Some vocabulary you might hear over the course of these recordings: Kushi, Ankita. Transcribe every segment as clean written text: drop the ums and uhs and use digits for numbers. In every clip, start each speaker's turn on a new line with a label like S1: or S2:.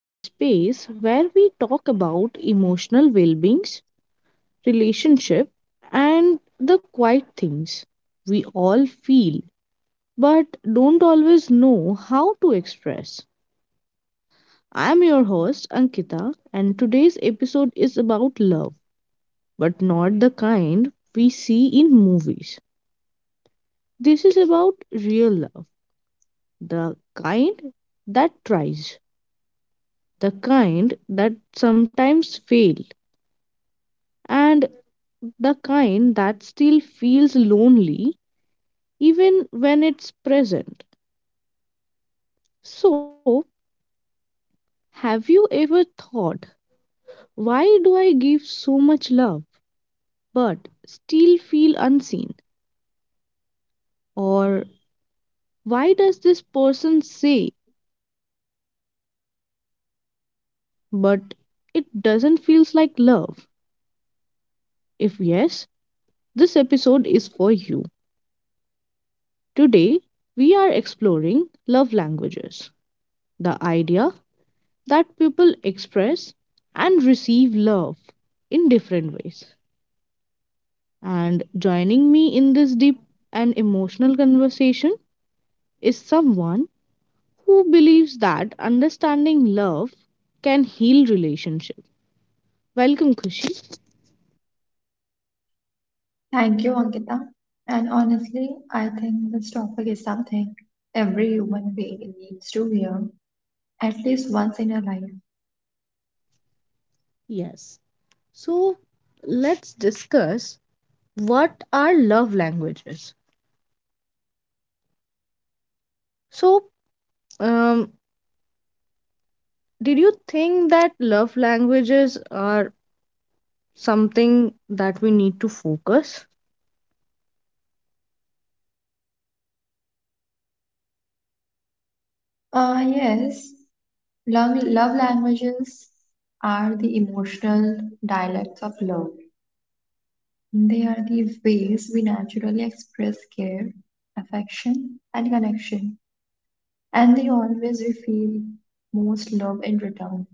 S1: our space where we talk about emotional well being, relationship, and the quiet things we all feel but don't always know how to express. I'm your host, Ankita, and today's episode is about love, but not the kind we see in movies. This is about real love, the kind that tries, the kind that sometimes fail, and the kind that still feels lonely even when it's present. So, have you ever thought, why do I give so much love but still feel unseen? Or why does this person say they love me but it doesn't feels like love? If yes, this episode is for you. Today, we are exploring love languages, the idea that people express and receive love in different ways. And joining me in this deep and emotional conversation is someone who believes that understanding love can heal relationship. Welcome, Kushi.
S2: Thank you, Ankita. And honestly, I think this topic is something every human being needs to hear at least once in a life.
S1: Yes. So let's discuss what are love languages. So um, Did you think that love languages are something that we need to focus?
S2: Ah, yes, love languages are the emotional dialects of love. They are the ways we naturally express care, affection, and connection, and they always reveal most love in return.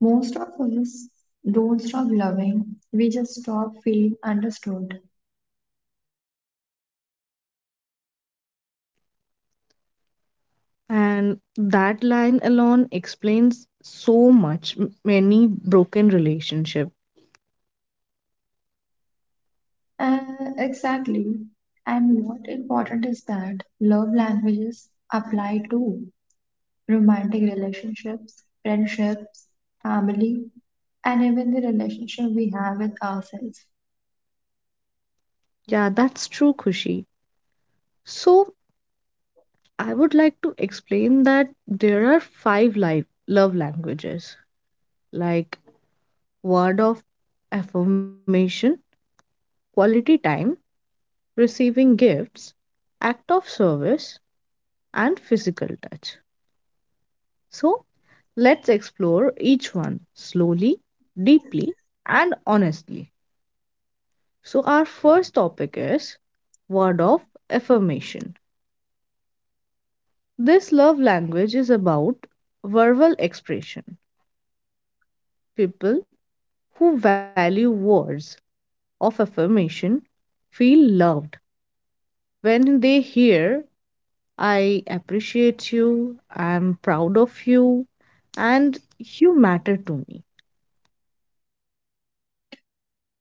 S2: Most of us don't stop loving, we just stop feeling understood.
S1: And that line alone explains so much, many broken relationship.
S2: Uh, exactly. And what important is that love languages apply to romantic relationships, friendships, family, and even the relationship we have with ourselves.
S1: Yeah, that's true, Kushi. So I would like to explain that there are 5 live love languages, like word of affirmation, quality time, receiving gifts, act of service, and physical touch. So let's explore each one slowly, deeply, and honestly. So, our first topic is word of affirmation. This love language is about verbal expression. People who value words of affirmation feel loved when they hear, I appreciate you, I am proud of you, and you matter to me.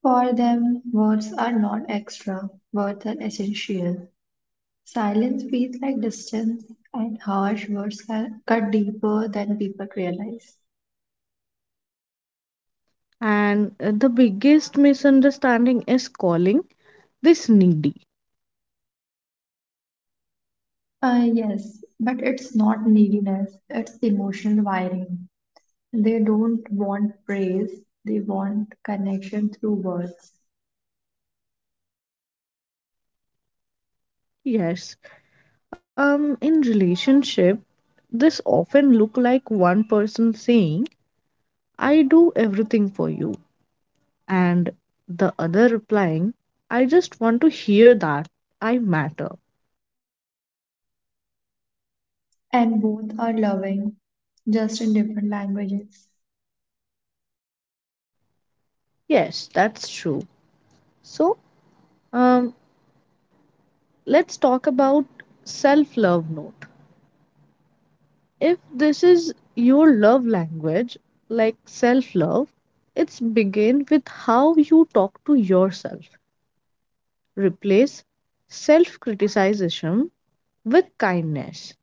S2: For them, words are not extra, words are essential. Silence feels like distance, and harsh words cut deeper than people realize.
S1: And the biggest misunderstanding is calling this needy.
S2: Uh, yes, but it's not neediness, it's emotional wiring. They don't want praise, they want connection through words.
S1: Yes, um, in relationship this often look like one person saying, I do everything for you, and the other replying, I just want to hear that I matter.
S2: And both are loving, just in different languages.
S1: Yes, that's true. So um, let's talk about self love note. If this is your love language, like self love, it's begin with how you talk to yourself. Replace self criticism with kindness.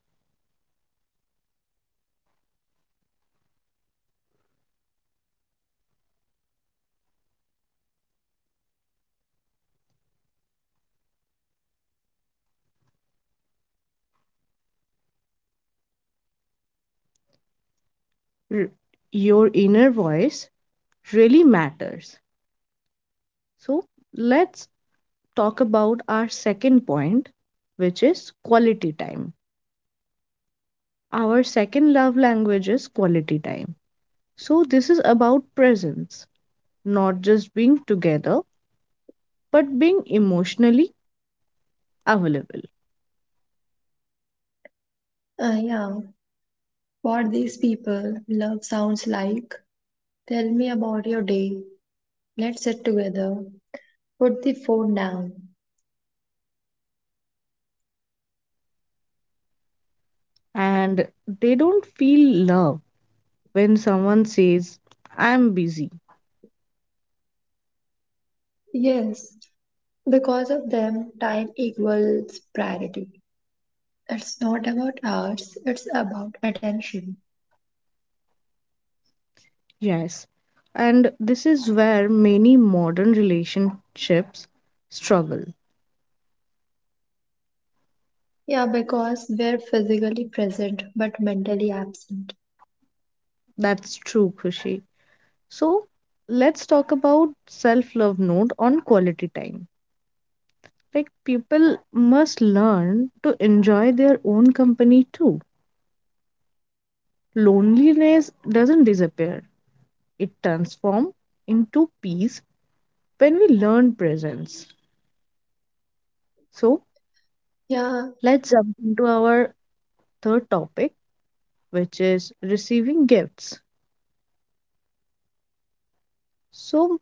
S1: R- your inner voice really matters. So, let's talk about our second point, which is quality time. Our second love language is quality time. So, this is about presence, not just being together, but being emotionally available.
S2: Uh, yeah, for these people, love sounds like tell me about your day, let's sit together, put the phone down.
S1: And they don't feel love when someone says, I'm busy.
S2: Yes, because of them, time equals priority. It's not about hours, it's about attention.
S1: Yes, and this is where many modern relationships struggle.
S2: Yeah, because we're physically present but mentally absent.
S1: That's true, Khushi. So let's talk about self-love note on quality time. Like people must learn to enjoy their own company too. Loneliness doesn't disappear. It transforms into peace when we learn presence. So
S2: Yeah,
S1: let's jump into our third topic, which is receiving gifts. So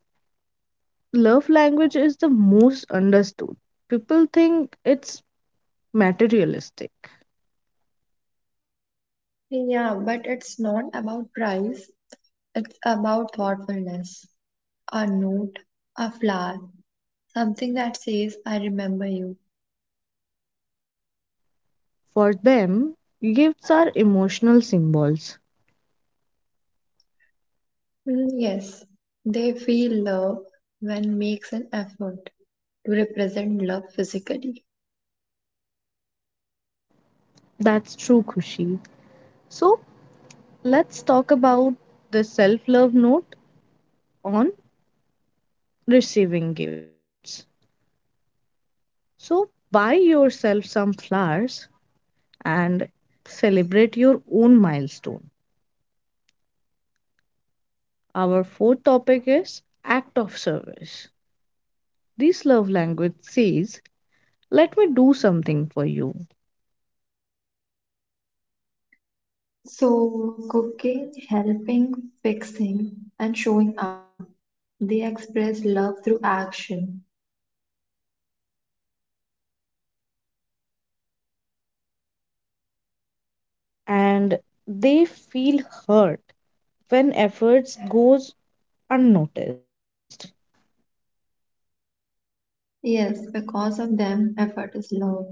S1: love language is the most understood. People think it's materialistic.
S2: yeah, but it's not about price, it's about thoughtfulness. A note, a flower, something that says, I remember you.
S1: For them, gifts are emotional symbols.
S2: Mm, yes, they feel love when makes an effort to represent love physically.
S1: That's true, Kushi. So, let's talk about the self love note on receiving gifts. So, buy yourself some flowers and celebrate your own milestone. Our fourth topic is act of service. This love language says, let me do something for you,
S2: So, cooking, helping, fixing, and showing up. They express love through action.
S1: and they feel hurt when efforts goes unnoticed.
S2: Yes, because of them, effort is love.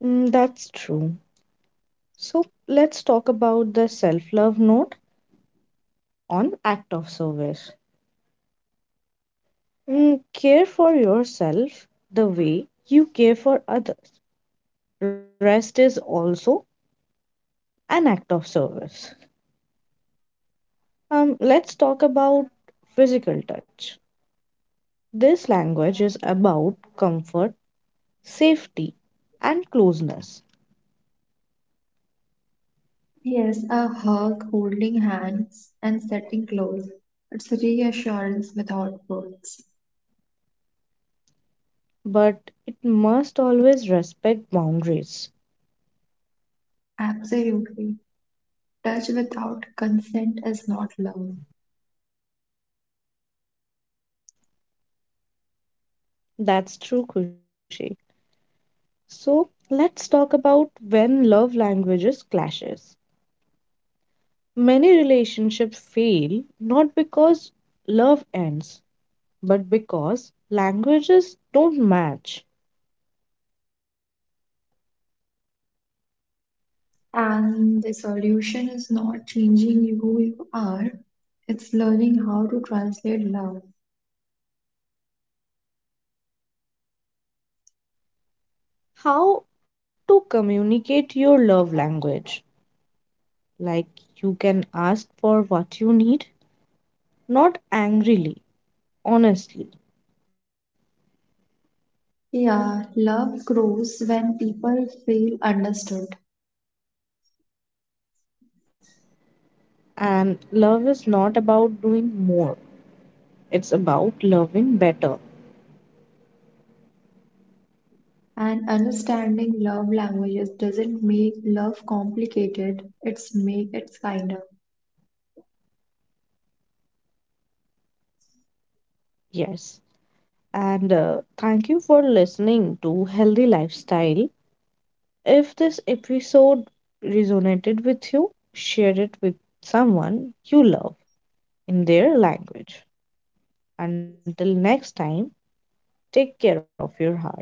S1: Mm, that's true. So let's talk about the self-love note on act of service. Mm, care for yourself the way you care for others. Rest is also an act of service. Let's talk about physical touch. This language is about comfort, safety, and closeness,
S2: Yes, a hug, holding hands, and setting clothes. It's reassurance without words.
S1: but it must always respect boundaries.
S2: Absolutely. Touch without consent is not love.
S1: That's true, Kushi. So let's talk about when love languages clashes. Many relationships fail not because love ends, but because languages don't match.
S2: And the solution is not changing who you are, it's learning how to translate love.
S1: How to communicate your love language? Like you can ask for what you need, not angrily, honestly.
S2: Yeah, love grows when people feel understood.
S1: And love is not about doing more. It's about loving better.
S2: And understanding love languages doesn't make love complicated, it's make it kinder.
S1: Yes. And thank you for listening to Healthy Lifestyle. If this episode resonated with you, share it with someone you love in their language. Until next time, take care of your heart.